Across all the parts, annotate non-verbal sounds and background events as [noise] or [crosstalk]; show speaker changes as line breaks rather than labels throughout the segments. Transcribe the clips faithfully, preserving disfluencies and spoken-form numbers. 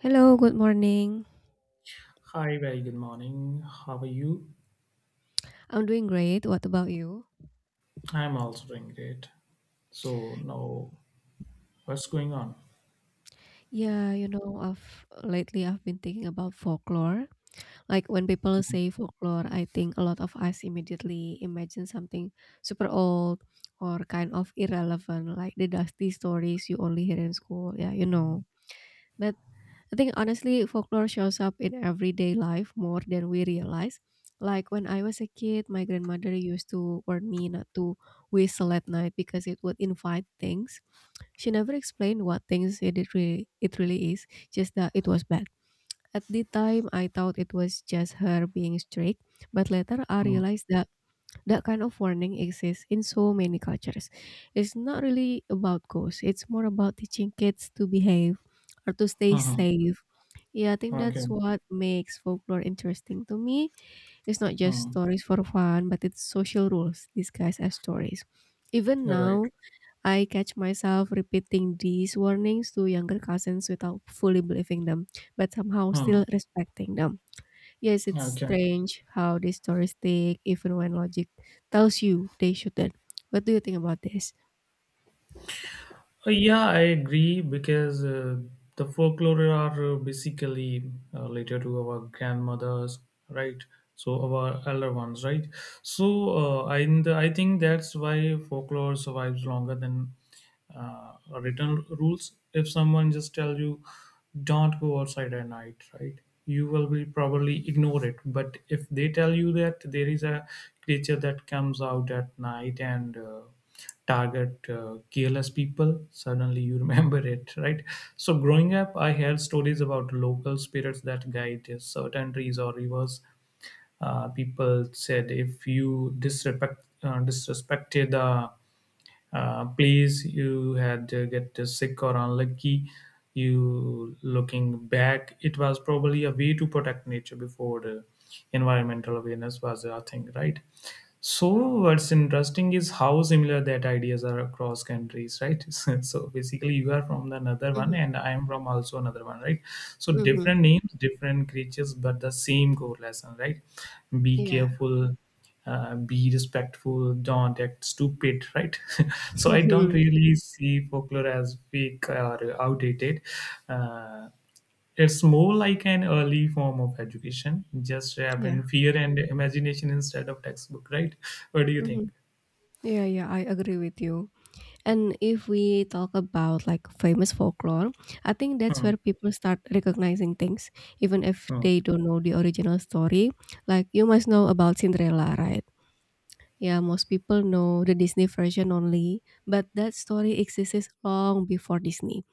Hello, good morning.
Hi, very good morning. How are you?
I'm doing great. What about you?
I'm also doing great. So now, what's going on?
Yeah, you know, I've lately I've been thinking about folklore. Like when people say folklore, I think a lot of us immediately imagine something super old or kind of irrelevant, like the dusty stories you only hear in school. Yeah, you know. But I think honestly, folklore shows up in everyday life more than we realize. Like when I was a kid, my grandmother used to warn me not to whistle at night because it would invite things. She never explained what things it it really it really is, just that it was bad. At the time, I thought it was just her being strict, but later I
Hmm.
realized that that kind of warning exists in so many cultures. It's not really about ghosts, it's more about teaching kids to behave or to stay
Mhm.
safe. Yeah, I think
Okay.
that's what makes folklore interesting to me. It's not just
Hmm.
stories for fun, but it's social rules disguised as stories. Even
All right.
now, I catch myself repeating these warnings to younger cousins without fully believing them, but somehow
Hmm.
still respecting them. Yes, it's
Okay.
strange how these stories stick even when logic tells you they shouldn't. What do you think about this?
Uh, yeah, I agree because uh, the folklore are uh, basically uh, related to our grandmothers, right? So our elder ones, right? So uh, I I think that's why folklore survives longer than uh, written rules. If someone just tell you, don't go outside at night, right? You will be probably ignore it. But if they tell you that there is a creature that comes out at night and uh, target uh, careless people, suddenly you remember [laughs] it, right? So growing up, I heard stories about local spirits that guide certain trees or rivers. Uh, people said if you disrespect uh, disrespected the uh, please, you had to get sick or unlucky. You looking back, it was probably a way to protect nature before the environmental awareness was a thing, right? So what's interesting is how similar that ideas are across countries, right? [laughs] So basically, you are from the another one,
Mhm,
and I am from also another one, right? So
mhm,
different names, different creatures, but the same core lesson, right? Be
yeah,
careful, uh, be respectful, don't act stupid, right? [laughs] So I don't
mhm,
really see folklore as fake or outdated. Uh, it's more like an early form of education, just wrap
yeah,
in fear and imagination instead of textbook, right? What do you think?
mhm. Yeah, yeah, I agree with you. And if we talk about like famous folklore, I think that's
Hmm,
where people start recognizing things, even if
hmm,
they don't know the original story. Like you must know about Cinderella, right? Yeah, most people know the Disney version only, but that story exists long before Disney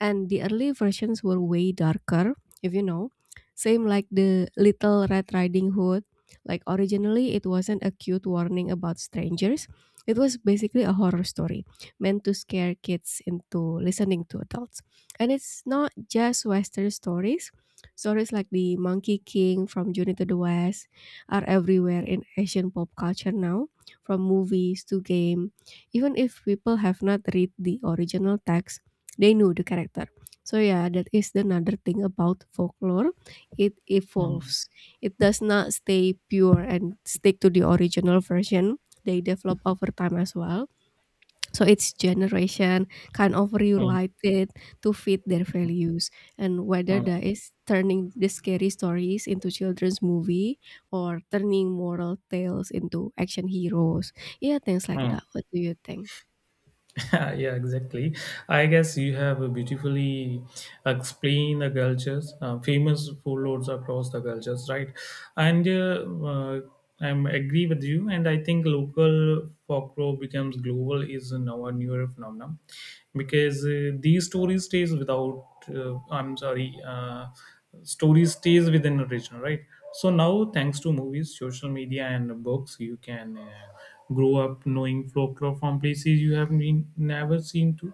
and the early versions were way darker, if you know. Same like the Little Red Riding Hood. Like originally it wasn't a cute warning about strangers. It was basically a horror story meant to scare kids into listening to adults. And it's not just western stories. Stories like the Monkey King from Journey to the West are everywhere in Asian pop culture now, from movies to game, even if people have not read the original text, they knew the character. So yeah, that is another thing about folklore. It
hmm,
evolves. It does not stay pure and stick to the original version. They develop over time as well. So each generation kind of
hmm,
rewrite it to fit their values, and whether
hmm,
that is turning the scary stories into children's movie or turning moral tales into action heroes, yeah, things like
hmm.
that. What do you think?
[laughs] Yeah, exactly. I guess you have beautifully explained the cultures, uh, famous warlords across the cultures, right? And uh, uh, I'm agree with you. And I think local folklore becomes global is now a newer phenomenon because uh, these stories stays without. Uh, I'm sorry. Uh, story stays within a region, right? So now, thanks to movies, social media, and books, you can uh, grow up knowing folklore from places you have been never seen to.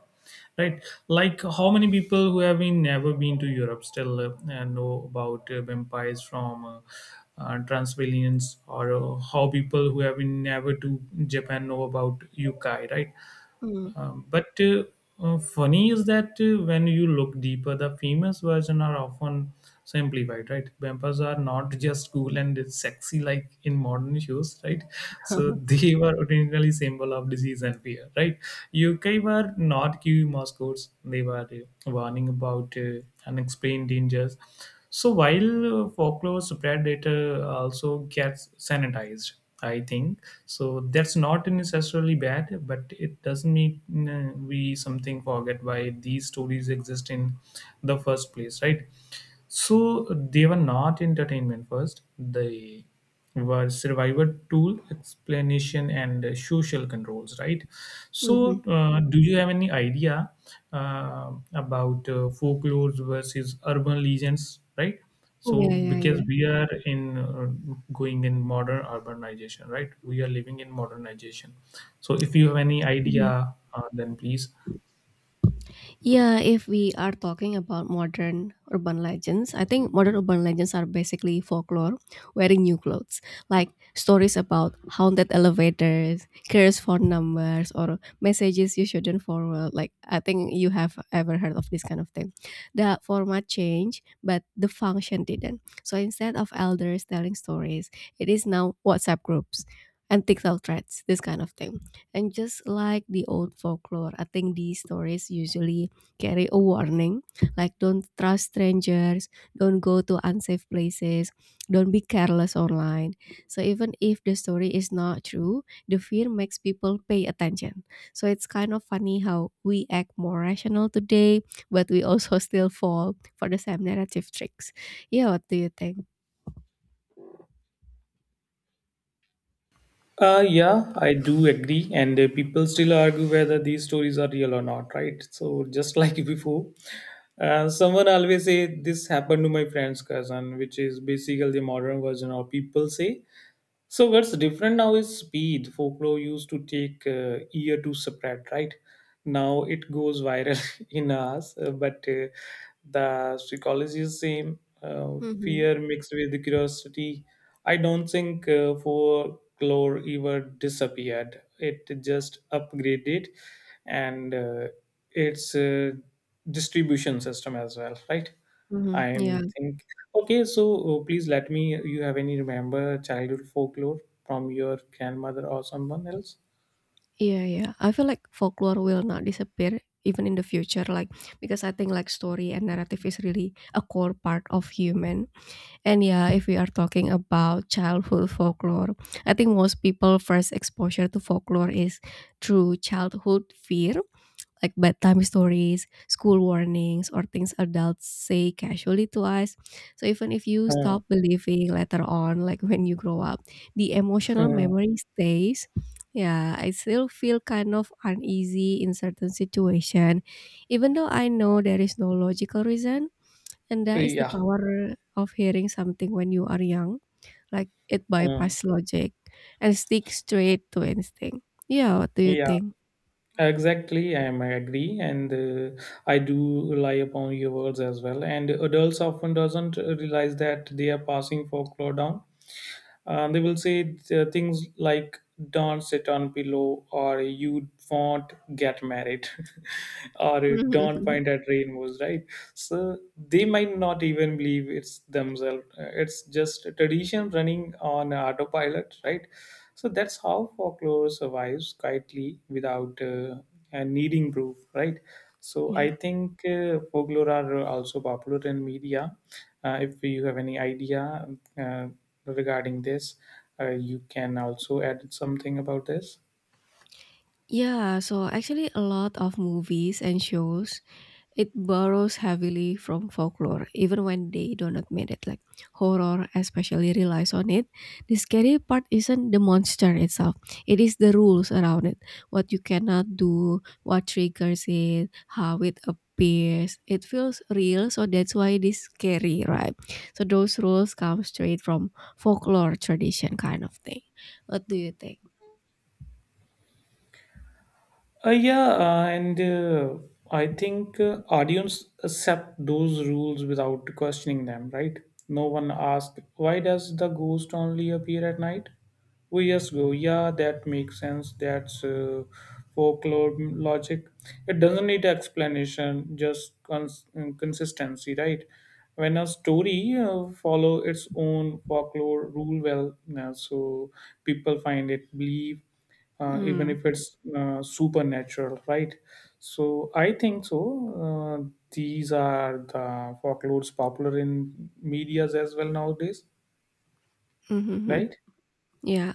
Right, like how many people who have been never been to Europe still uh, uh, know about uh, vampires from uh, uh, Transylvanians, or uh, how people who have been never to Japan know about yukai, right?
Mm-hmm.
Um, but uh, uh, funny is that uh, when you look deeper, the famous version are often simplified, right? Vampires are not just cool and sexy like in modern shows, right? So [laughs] they were originally symbol of disease and fear, right? U K were not Q mascots; they were uh, warning about uh, unexplained dangers. So while uh, folklore spread, it uh, also gets sanitized, I think so. That's not necessarily bad, but it doesn't mean uh, we something forget why these stories exist in the first place, right? So they were not entertainment first. They were survivor tool, explanation, and uh, social controls, right? So, uh, do you have any idea uh, about uh, folklore versus urban legends, right?
Oh,
So
Iya iya
because
iya,
we are in uh, going in modern urbanization, right? We are living in modernization. So if you have any
mhm.
idea, uh, then please.
Yeah, if we are talking about modern urban legends, I think modern urban legends are basically folklore wearing new clothes, like stories about haunted elevators, cursed phone numbers, or messages you shouldn't forward. Like, I think you have ever heard of this kind of thing. The format changed, but the function didn't. So instead of elders telling stories, it is now WhatsApp groups and TikTok threads, this kind of thing. And just like the old folklore, I think these stories usually carry a warning like don't trust strangers, don't go to unsafe places, don't be careless online. So even if the story is not true, the fear makes people pay attention. So it's kind of funny how we act more rational today, but we also [laughs] still fall for the same narrative tricks. Yeah, what do you think?
Uh, yeah, I do agree, and uh, people still argue whether these stories are real or not, right? So just [laughs] like before, uh, someone always say this happened to my friend's cousin, which is basically the modern version, or people say, so what's different now is speed. Folklore used to take uh, year to spread, right? Now it goes viral [laughs] in us, uh, but uh, the psychology is same. Uh,
Hmm.
fear mixed with curiosity. I don't think uh, folklore ever disappeared. It just upgraded, and uh, its uh, distribution system as well, right?
Hmm. Yeah,
I'm think okay. So uh, please let me. You have any remember childhood folklore from your grandmother or someone else?
yeah, yeah. I feel like folklore will not disappear even in the future, like because I think like story and narrative is really a core part of human. And yeah, if we are talking about childhood folklore, I think most people first exposure to folklore is through childhood fear, like bedtime stories, school warnings, or things adults say casually to us. So even if you
Uh,
stop believing later on, like when you grow up, the emotional memory stays. Yeah, I still feel kind of uneasy in certain situation, even though I know there is no logical reason, and that is the
yeah,
power of hearing something when you are young. Like it
uh,
bypass logic and stick straight to instinct. Yeah, what do you
yeah,
think?
exactly. I'm, I agree, and uh, I do rely upon your words as well. And adults often doesn't realize that they are passing folklore down. Um, they will say th- things like, "Don't sit on pillow" or "You won't get married," [laughs] or "Don't
[laughs]
point at rainbows." Right? So they might not even believe it's themselves. Uh, It's just a tradition running on autopilot. Right? So that's how folklore survives quietly without uh, uh, needing proof. Right? So
Yeah.
I think uh, folklore are also popular in media. Uh, if you have any idea uh, regarding this, uh, you can also add something about this.
Yeah, so actually a lot of movies and shows, it borrows heavily from folklore, even when they don't admit it. Like horror, especially relies on it. The scary part isn't the monster itself; it is the rules around it. What you cannot do, what triggers it, how it appears. It feels real, so that's why it is scary, right? So those rules come straight from folklore tradition, kind of thing. What do you think?
Uh, yeah, uh, and uh, I think uh, audience accept those rules without questioning them, right? No one asks, why does the ghost only appear at night? We just go, yeah, that makes sense. That's uh, folklore logic. It doesn't need explanation, just cons- consistency, right? When a story uh, follow its own folklore rule well, uh, so people find it believe uh, even
Mm.
if it's uh, supernatural, right? So I think so. Uh, these are the folklores popular in medias as well nowadays,
Mm-hmm.
right?
Yeah.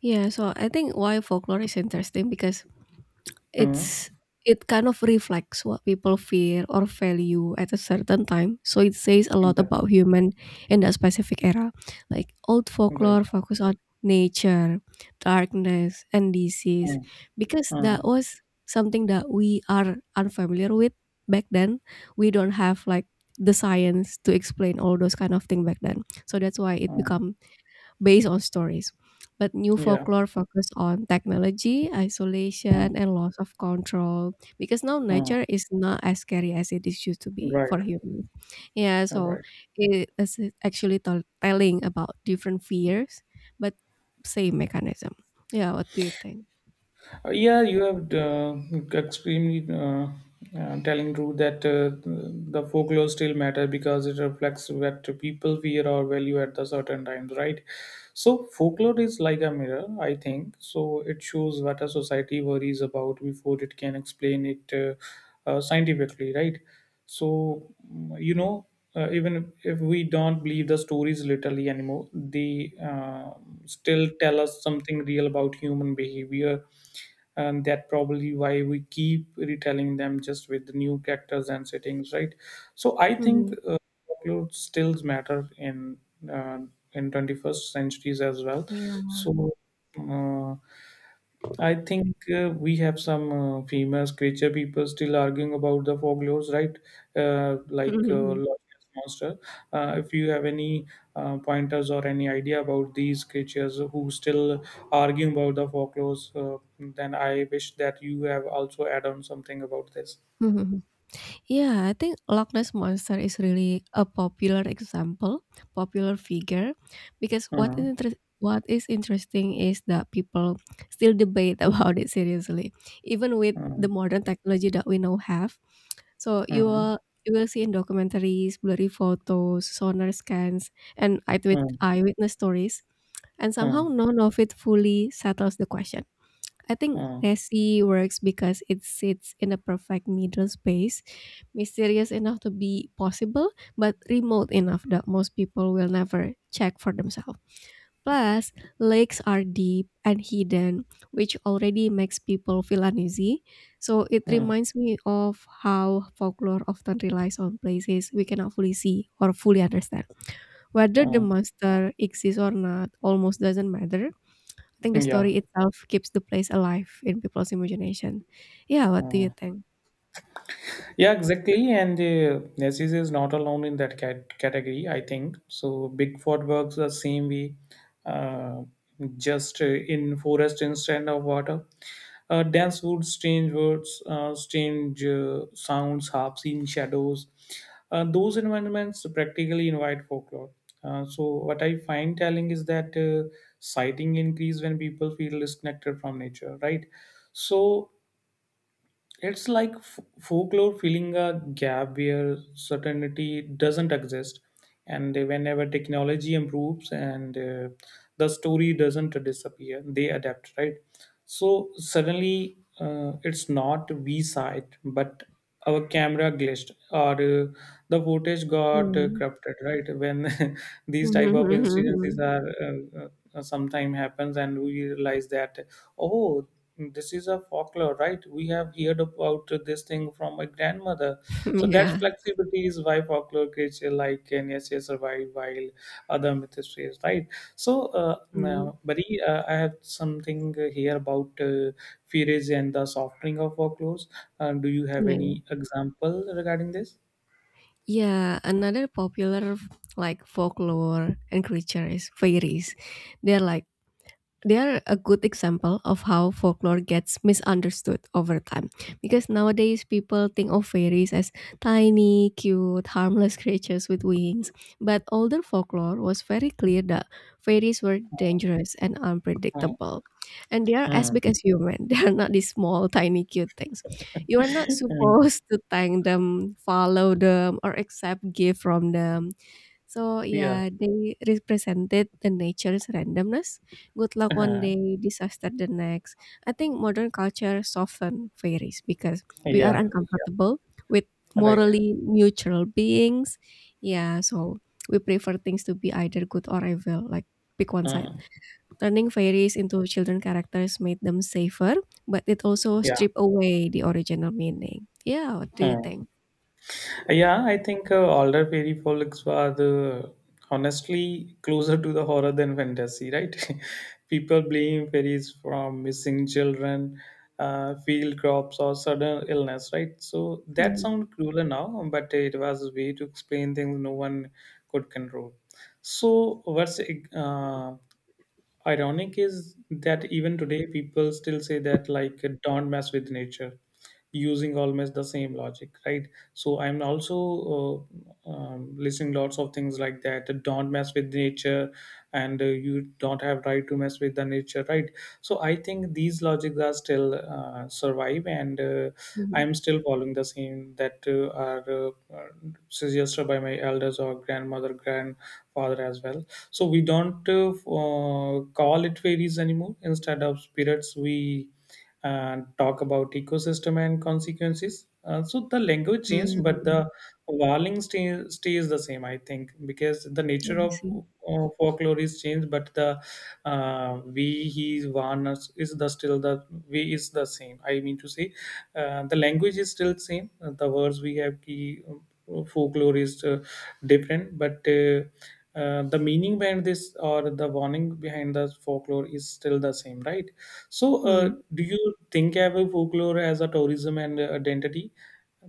Yeah. So I think why folklore is interesting because
Hmm.
it's it kind of reflects what people fear or value at a certain time. So it says a lot
Yeah,
about human in that specific era. Like old folklore
right.
focus on nature, darkness, and
Hmm.
disease, because that
Hmm.
was something that we are unfamiliar with back then. We don't have like the science to explain all those kind of thing back then. So that's why it
Mm.
become based on stories. But new
Yeah.
folklore focus on technology,
Hmm.
isolation, and loss of control because now
Hmm.
nature is not as scary as it is used to be
Right,
for humans. Yeah, so
right.
it is actually tell telling about different fears, but same mechanism. Yeah, what do you think?
Uh, yeah, you have uh, extremely uh, uh, telling truth that uh, the folklore still matter because it reflects what people fear or value at the certain times, right? So folklore is like a mirror, I think. So it shows what a society worries about before it can explain it uh, uh, scientifically, right? So mm, you know, uh, even if we don't believe the stories literally anymore, they uh, still tell us something real about human behavior, and that probably why we keep retelling them, just with new characters and settings, right? So I think
Mhm.
uh, folklore still matter in uh, in twenty-first centuries as well.
Yeah.
So uh, I think uh, we have some uh, famous creature people still arguing about the folklores, right? Uh,
Mhm,
like uh,
mhm.
Loch Ness monster. Uh, if you have any uh, pointers or any idea about these creatures who still arguing about the folklores, uh, then I wish that you have also add on something about this.
Mhm, mhm. [laughs] Yeah, I think Loch Ness Monster is really a popular example, popular figure, because what
Uh,
is interest what is interesting is that people still debate [laughs] about it seriously, even with
uh,
the modern technology that we now have. So you
uh,
will you will see in documentaries, blurry photos, sonar scans, and eyewit-
uh,
eyewitness stories, and
uh,
somehow none of it fully settles the question. I
uh,
think
uh,
Nessie works because it sits in a perfect middle space, mysterious enough to be possible, but remote enough that most people will never check for themselves. Plus, lakes are deep and hidden, which already makes people feel uneasy. So it
uh,
reminds me of how folklore often relies on places we cannot fully see or fully understand. Whether the
uh.
monster exists or not almost doesn't matter. I think the
Yeah.
story itself keeps the place alive in people's imagination. Yeah, what do
Uh.
you think?
Yeah, exactly. And uh, S E C is not alone in that cat- category, I think. So Bigfoot works the same way, uh, just uh, in forest instead of water. Uh, dense woods, strange words, uh, strange uh, sounds, half-seen shadows. Uh, those environments practically invite folklore. Uh, so what I find telling is that uh, sighting increase when people feel disconnected from nature, right? So it's like f- folklore filling a gap where certainty doesn't exist, and whenever technology improves and uh, the story doesn't disappear, they adapt, right? So suddenly, uh, it's not we saw it, but our camera glitched or uh, the footage got uh,
Mm.
corrupted, right? When [laughs] these type of incidences
[laughs]
are uh, uh, sometime happens, and we realize that, oh, this is a folklore, right? We have heard about this thing from my grandmother. So that
Yeah.
flexibility is why folklore creature like Nsa survive while other myths fail, right? So uh,
Mm.
now, Bari, uh, I have something here about uh, fairies and the softening of folklores. Uh, do you have
Yeah.
any example regarding this?
Yeah, another popular like folklore and creature is fairies. They're like they are a good example of how folklore gets misunderstood over time. Because nowadays people think of fairies as tiny, cute, harmless creatures with wings. But older folklore was very clear that fairies were dangerous and
Mm,
unpredictable. And they are as
mm,
big as human. [laughs] They are not these small, tiny, cute things. You are not
mm,
supposed to thank them, follow them, or accept gift from them. So,
yeah,
yeah, they represented the nature's randomness, good luck one
uh,
day, disaster the next. I think modern culture soften fairies because we are
yeah, yeah,
uncomfortable with
right.
morally neutral beings. Yeah, so we prefer things to be either good or evil, like pick one side.
Mm,
Turning fairies into children characters made them safer, but it also
yeah,
stripped away the original meaning. Yeah, what do you
mm.
think?
Yeah, I think uh, older fairy folks were the honestly closer to the horror than fantasy, right? [laughs] People blame fairies from missing children, uh, field crops, or sudden illness, right? So that
Mhm,
sounds crueler now, but it was a way to explain things no one could control. So what's uh, ironic is that even today people still say that like don't mess with nature using almost the same logic, right? So I'm also uh, um, listening lots of things like that, don't mess with nature, and uh, you don't have right to mess with the nature, right? So I think these logics are still uh, survive, and uh,
mhm.
I'm still following the same that uh, are uh, uh, suggested by my elders or grandmother grandfather as well. So we don't uh, uh, call it fairies anymore, instead of spirits we uh, talk about ecosystem and consequences. Uh, so the language changed but
Mm,
the warning stay, stays the same, I think, because the
I
nature of
see.
uh, folklore is changed but the uh, we he warn us is the still the way is the same, I mean to say, uh, the language is still same, uh, the words we have key folklore is uh, different but uh, uh, the meaning behind this or the warning behind the folklore is still the same, right? So uh, do you think of a folklore as a tourism and uh, identity,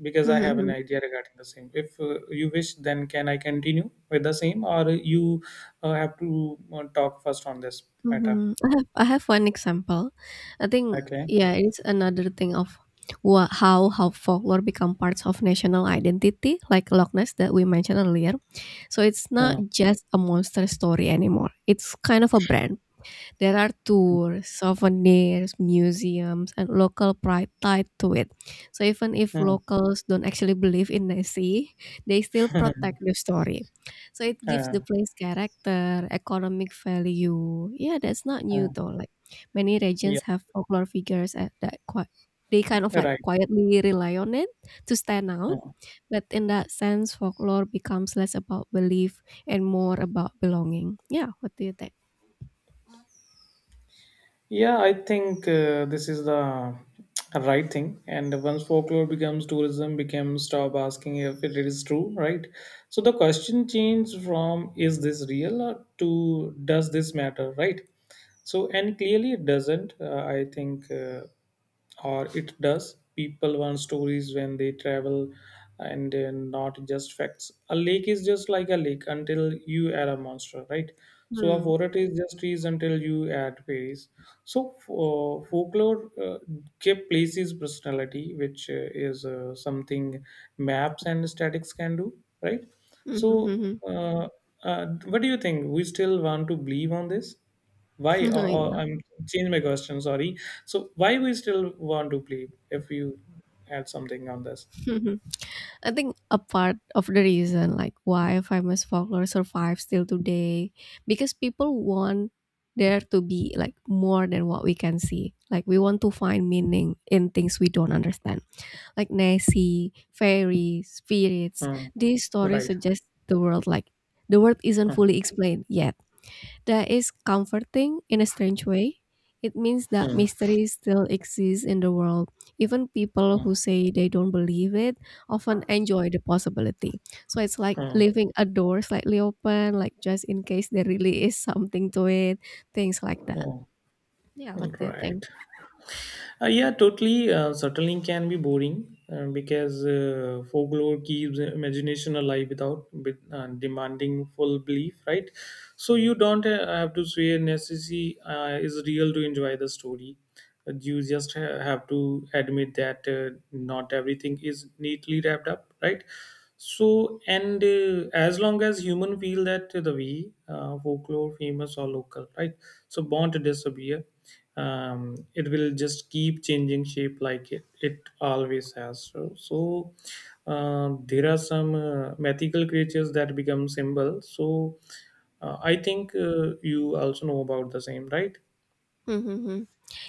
because I have an
Mm.
idea regarding the same, if uh, you wish then can I continue with the same, or you uh, have to uh, talk first on this matter?
Mhm. I have I have one example. I think
Okay.
yeah, it's another thing of what how how folklore become parts of national identity, like Loch Ness that we mentioned earlier. So it's not
Hmm.
just a monster story anymore. It's kind of a brand. There are tours, souvenirs, museums, and local pride tied to it. So even if
Hmm.
locals don't actually believe in Nessie, they still
[laughs] Hmm.
protect the story. So it gives
Uh,
the place character, economic value. Yeah, that's not new
uh,
though. Like many
yeah,
regions have folklore figures at that qui- they kind of like
right.
quietly rely on it to stand out.
Hmm.
But in that sense, folklore becomes less about belief and more about belonging. Yeah, what do you think?
Yeah, I think uh, this is the right thing. And once folklore becomes tourism, becomes stop asking if it is true, right? So the question changed from is this real or to does this matter, right? So and clearly it doesn't. Uh, I think. Uh, or it does, people want stories when they travel and uh, not just facts. A lake is just like a lake until you add a monster, right? So a
Hmm.
forest is just trees until you add trees. So uh, folklore uh, give places personality, which uh, is uh, something maps and statics can do, right?
Mhm,
So
mhm.
uh, uh, what do you think, we still want to believe on this, why? Or,
[laughs] Yeah.
or I'm change my question. Sorry. So why we still want to play? If you add something on this,
Mhm. I think a part of the reason like why famous folklore survives till today because people want there to be like more than what we can see. Like we want to find meaning in things we don't understand. Like Nessie, fairies, spirits.
hmm,
These stories
right?
suggest the world like the world isn't
Hmm,
fully explained yet. That is comforting in a strange way. It means that
hmm,
mystery still exists in the world. Even people
hmm,
who say they don't believe it often enjoy the possibility. So it's like
hmm,
leaving a door slightly open, like just in case there really is something to it, things like that.
hmm.
Yeah, what do you think?
Right. Uh, yeah, totally. Uh, settling can be boring uh, because uh, folklore keeps imagination alive without with, uh, demanding full belief, right? So you don't uh, have to swear necessity uh, is real to enjoy the story. But you just ha- have to admit that uh, not everything is neatly wrapped up, right? So, and uh, as long as human feel that uh, the we, uh, folklore, famous or local, right? So, born to disappear, um, it will just keep changing shape like it, it always has. So, so uh, there are some uh, mythical creatures that become symbol. So, uh, I think uh, you also know about the same, right?
[laughs]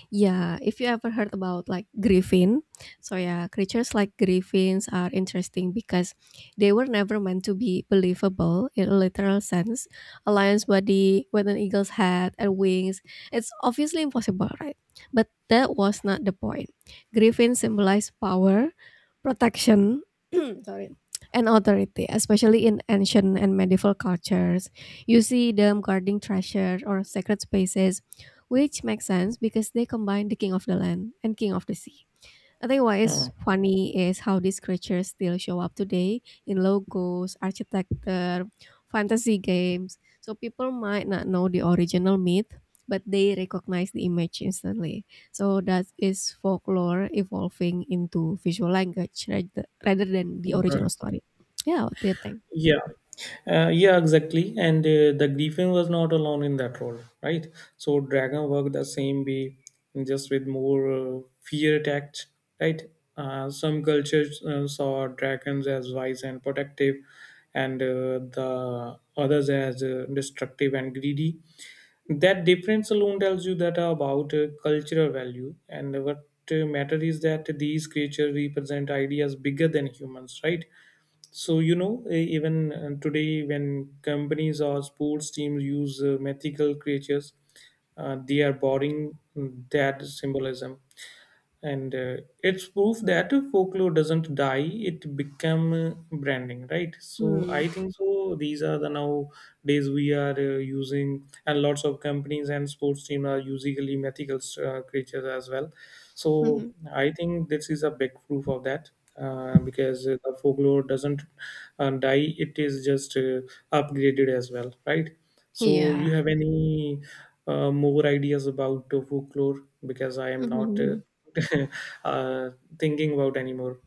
Yeah, if you ever heard about like griffin, so yeah, creatures like griffins are interesting because they were never meant to be believable in a literal sense. A lion's body with an eagle's head and wings, it's obviously impossible, right? But that was not the point. Griffins symbolize power, protection, [clears throat] sorry, and authority, especially in ancient and medieval cultures. You see them guarding treasure or sacred spaces which makes sense because they combine the king of the land and king of the sea. I think what
Uh,
is funny is how these creatures still show up today in logos, architecture, fantasy games. So people might not know the original myth, but they recognize the image instantly. So that is folklore evolving into visual language rather rather than the
Right.
original story. Yeah, what do you think?
Yeah, uh, yeah, exactly. And uh, the Griffin was not alone in that role, right? So Dragon worked the same way, just with more uh, fear attached, right? Uh, some cultures uh, saw dragons as wise and protective, and uh, the others as uh, destructive and greedy. That difference alone tells you that about uh, cultural value. And what uh, matter is that these creatures represent ideas bigger than humans, right? So you know, e- even uh, today when companies or sports teams use uh, mythical creatures, uh, they are borrowing that symbolism, and uh, it's proof that folklore doesn't die, it become uh, branding, right? So I
Hmm.
think, so these are the nowadays we are uh, using, and lots of companies and sports team are usually mythical uh, creatures as well. So I think this is a big proof of that, uh, because uh, the folklore doesn't uh, die, it is just uh, upgraded as well, right?
[laughs]
So
Yeah.
you have any uh, more ideas about uh, folklore, because I am not uh,
[laughs]
[laughs] uh, thinking about anymore.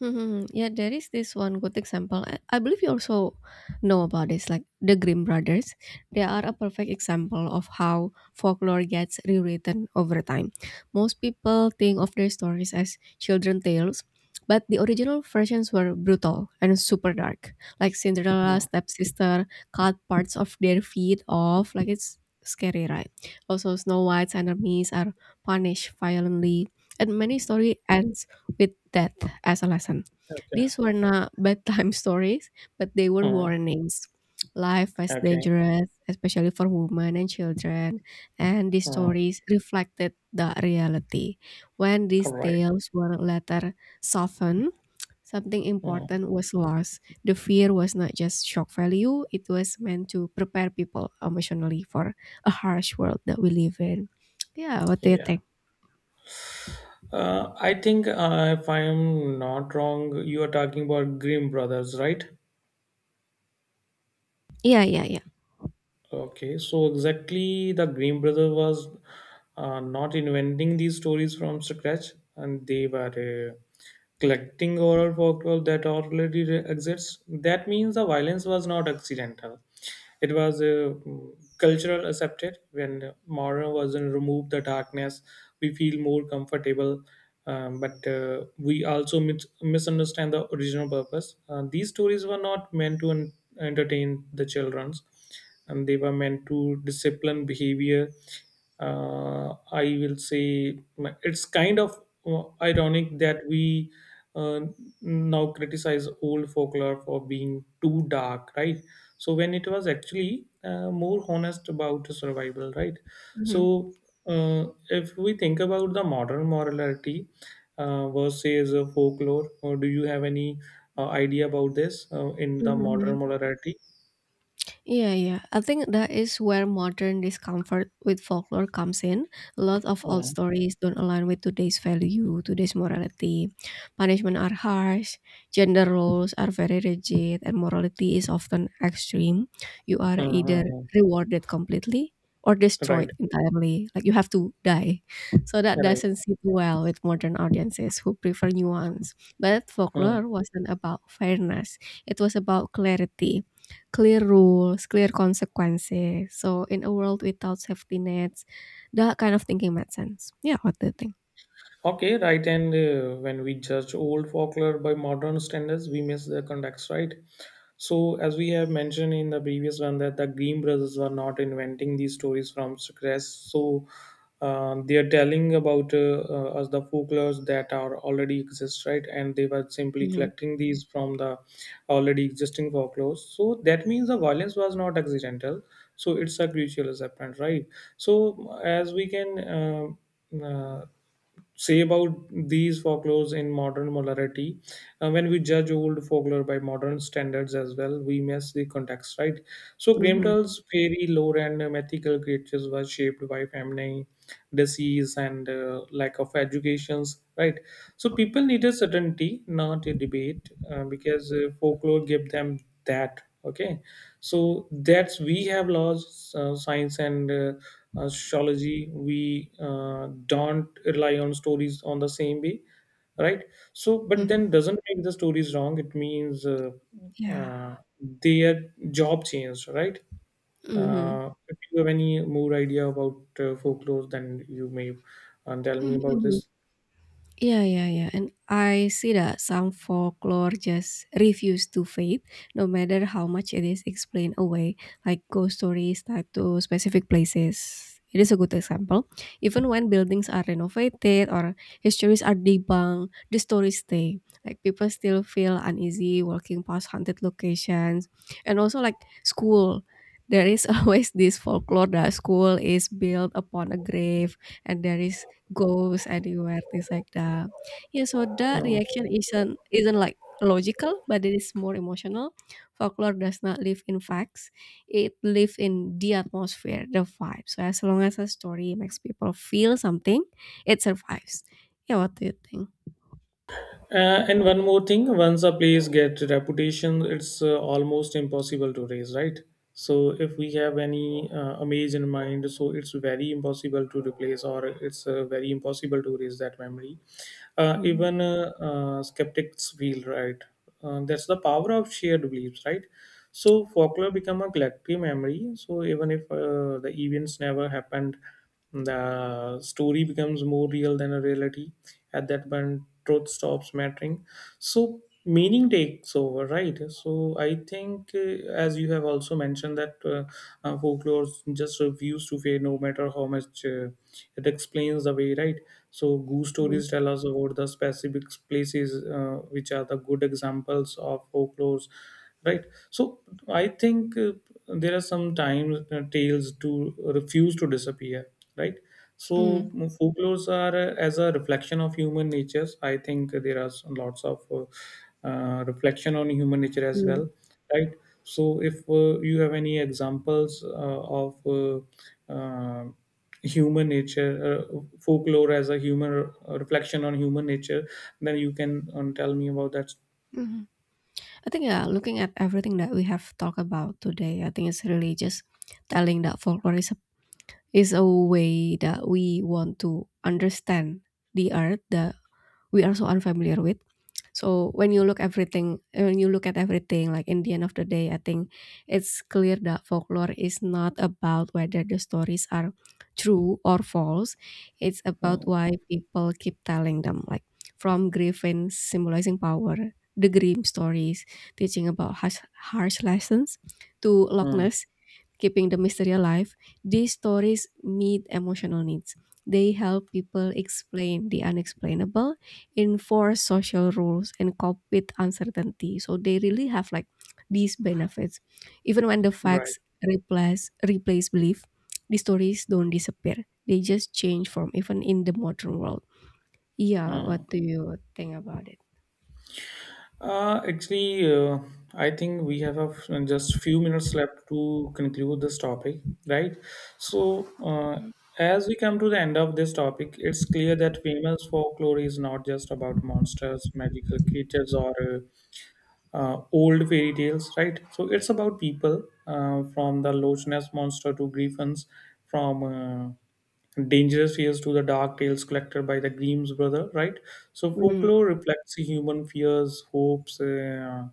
Mhm. Yeah, there is this one good example. I I believe you also know about this, like the Grimm brothers. They are a perfect example of how folklore gets rewritten over time. Most people think of their stories as children tales, but the original versions were brutal and super dark. Like
Yeah.
Cinderella's stepsister cut parts of their feet off. Like it's scary, right? Also, Snow White's enemies are punished violently, and many story ends with death as a lesson.
Okay.
These were not bedtime [laughs] stories, but they were
Hmm.
warnings. Life was
Okay.
dangerous, especially for women and children, and these
Hmm.
stories reflected the reality. When
All
these
right.
tales were later softened, something
Hmm.
important was lost. The fear was not just shock value, it was meant to prepare people emotionally for a harsh world that we live in. Yeah, what do you
Yeah.
think?
Uh, I think uh, if I am not wrong, you are talking about Grimm brothers, right?
Yeah, yeah, yeah.
Okay. So exactly, the Grimm brother was uh, not inventing these stories from scratch, and they were. Uh, collecting oral folklore that already re- exists. That means the violence was not accidental. It was uh, cultural accepted. When modern version removed the darkness, we feel more comfortable, um, but uh, we also mis- misunderstand the original purpose. Uh, these stories were not meant to en- entertain the childrens, and they were meant to discipline behavior. Uh, I will say it's kind of uh, ironic that we uh, now criticize old folklore for being too dark, right? So when it was actually uh, more honest about survival, right? So uh, if we think about the modern morality, uh, versus uh, folklore, or do you have any uh, idea about this uh, in the modern
Mm-hmm.
morality?
Yeah, yeah. I think that is where modern discomfort with folklore comes in. A lot of old
Hmm.
stories don't align with today's value, today's morality. Punishment are harsh, gender roles are very rigid, and morality is often extreme. You are
Hmm, hmm,
either
hmm.
rewarded completely or
Right.
destroyed entirely. Like you have to die. So that
Right.
doesn't sit well with modern audiences who prefer nuance. But
Uh.
folklore wasn't about fairness. It was about clarity, clear rules, clear consequences. So in a world without safety nets, that kind of thinking made sense. Yeah, what do you think?
Okay, right. And uh, when we judge old folklore by modern standards, we miss the context, right? So, as we have mentioned in the previous one, that the Green brothers were not inventing these stories from scratch. So, uh, they are telling about uh, uh, us the folklores that are already exist, right? And they were simply
Mhm.
collecting these from the already existing folklores. So that means the violence was not accidental. So it's a gradual apparent, right? So as we can. Uh, uh, say about these folklores in modern molarity? Uh, when we judge old folklore by modern standards as well, we miss the context, right? So,
Mhm,
Grimmtell's fairy lore and uh, mythical creatures were shaped by famine, disease, and uh, lack of educations, right? So, people needed certainty, not a debate, uh, because uh, folklore gave them that. Okay, so that's we have laws, uh, science, and uh, astrology. We uh, don't rely on stories on the same way, right? So but
mhm.
then doesn't make the stories wrong, it means uh,
Yeah.
uh, their job changed, right?
Mhm.
Uh, if you have any more idea about uh, folklore then you may uh, tell me about
[laughs]
this.
Yeah, yeah, yeah. And I see that some folklore just refuse to fade, no matter how much it is explained away, like ghost stories tied to specific places. It is a good example. Even when buildings are renovated or histories are debunked, the stories stay. Like people still feel uneasy walking past haunted locations. And also like school. There is [laughs] always this folklore that school is built upon a grave and there is goes anywhere, things like that. Yeah, so that
Uh,
reaction isn't isn't like logical, but it is more emotional. Folklore does not live in facts; it lives in the atmosphere, the vibe. So as long as a story makes people feel something, it survives. Yeah, what do you think?
Uh, and one more thing, once a place gets reputation, it's uh, almost impossible to raise, right? So if we have any uh, image in mind, so it's very impossible to replace, or it's uh, very impossible to raise that memory. Uh,
Mhm.
even uh, uh, skeptics feel right. Uh, that's the power of shared beliefs, right? So folklore become a collective memory. So even if uh, the events never happened, the story becomes more real than a reality. At that point, truth stops mattering. So meaning takes over, right? So I think, uh, as you have also mentioned, that uh, uh, folklore just refuse to fade, no matter how much uh, it explains the way, right? So goose
Mm,
stories tell us about the specific places, uh, which are the good examples of folklores, right? So I think uh, there are some times uh, tales to refuse to disappear, right? So
mm,
mm, folklores are uh, as a reflection of human natures. I think there are lots of uh, uh, reflection on human nature as
mm,
well, right? So if uh, you have any examples uh, of uh, uh, human nature, uh, folklore as a human re- reflection on human nature, then you can um, tell me about that.
mhm. I think yeah, looking at everything that we have talked about today, I think it's really just telling that folklore is is a way that we want to understand the earth that we are so unfamiliar with. So when you look everything, when you look at everything, like in the end of the day, I think it's clear that folklore is not about whether the stories are true or false. It's about
Uh,
why people keep telling them, like from griffin symbolizing power, the grim stories teaching about harsh, harsh lessons, to Loch
mm,
Ness keeping the mystery alive, these stories meet emotional needs. They help people explain the unexplainable, enforce social rules, and cope with uncertainty. So they really have like these benefits. Even when the
right.
facts replace replace belief, the stories don't disappear. They just change form, even in the modern world. Yeah, what
Mm.
do you think about it?
Uh, actually, uh, I think we have a f- just few minutes left to conclude this topic, right? So, uh, as we come to the end of this topic, it's clear that famous folklore is not just about monsters, magical creatures, or uh, uh, old fairy tales, right? So it's about people, uh, from the Loch Ness monster to griffins, from uh, dangerous fears to the dark tales collected by the Grimm's brother, right? So
Mm,
folklore reflects human fears, hopes, uh,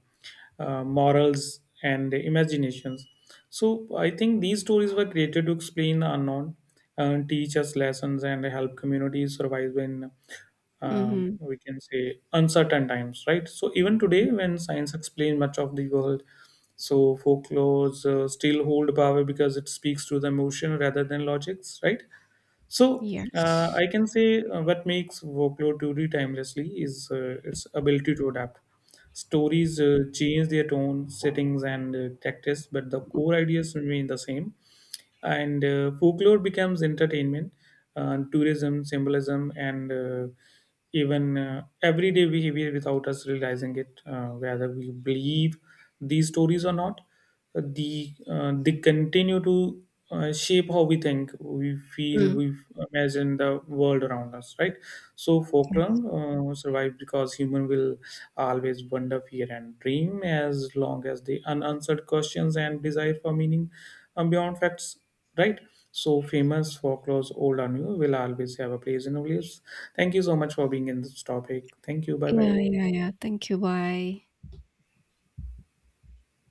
uh, morals, and imaginations. So I think these stories were created to explain the unknown, uh, teach us lessons, and help communities survive in, um,
mm-hmm.
we can say, uncertain times, right? So even today when science explains much of the world, so folklores uh, still hold power because it speaks to the emotion rather than logics, right? So uh,
Yes.
I can say uh, what makes workload truly timelessly is uh, its ability to adapt. Stories uh, change their tone, settings, and uh, tactics, but the core ideas remain the same. And uh, folklore becomes entertainment, uh, tourism, symbolism, and uh, even uh, everyday behavior without us realizing it. Uh, whether we believe these stories or not, the uh, they continue to uh, shape how we think, we feel,
Mm.
we imagine the world around us, right? So
Yes.
folklore uh, survive because human will always wonder, fear, and dream, as long as the unanswered questions and desire for meaning, um, beyond facts, right? So famous folklores, old or new, will always have a place in our lives. Thank you so much for being in this topic. Thank you. Bye
Yeah,
bye.
yeah, yeah. Thank you. Bye.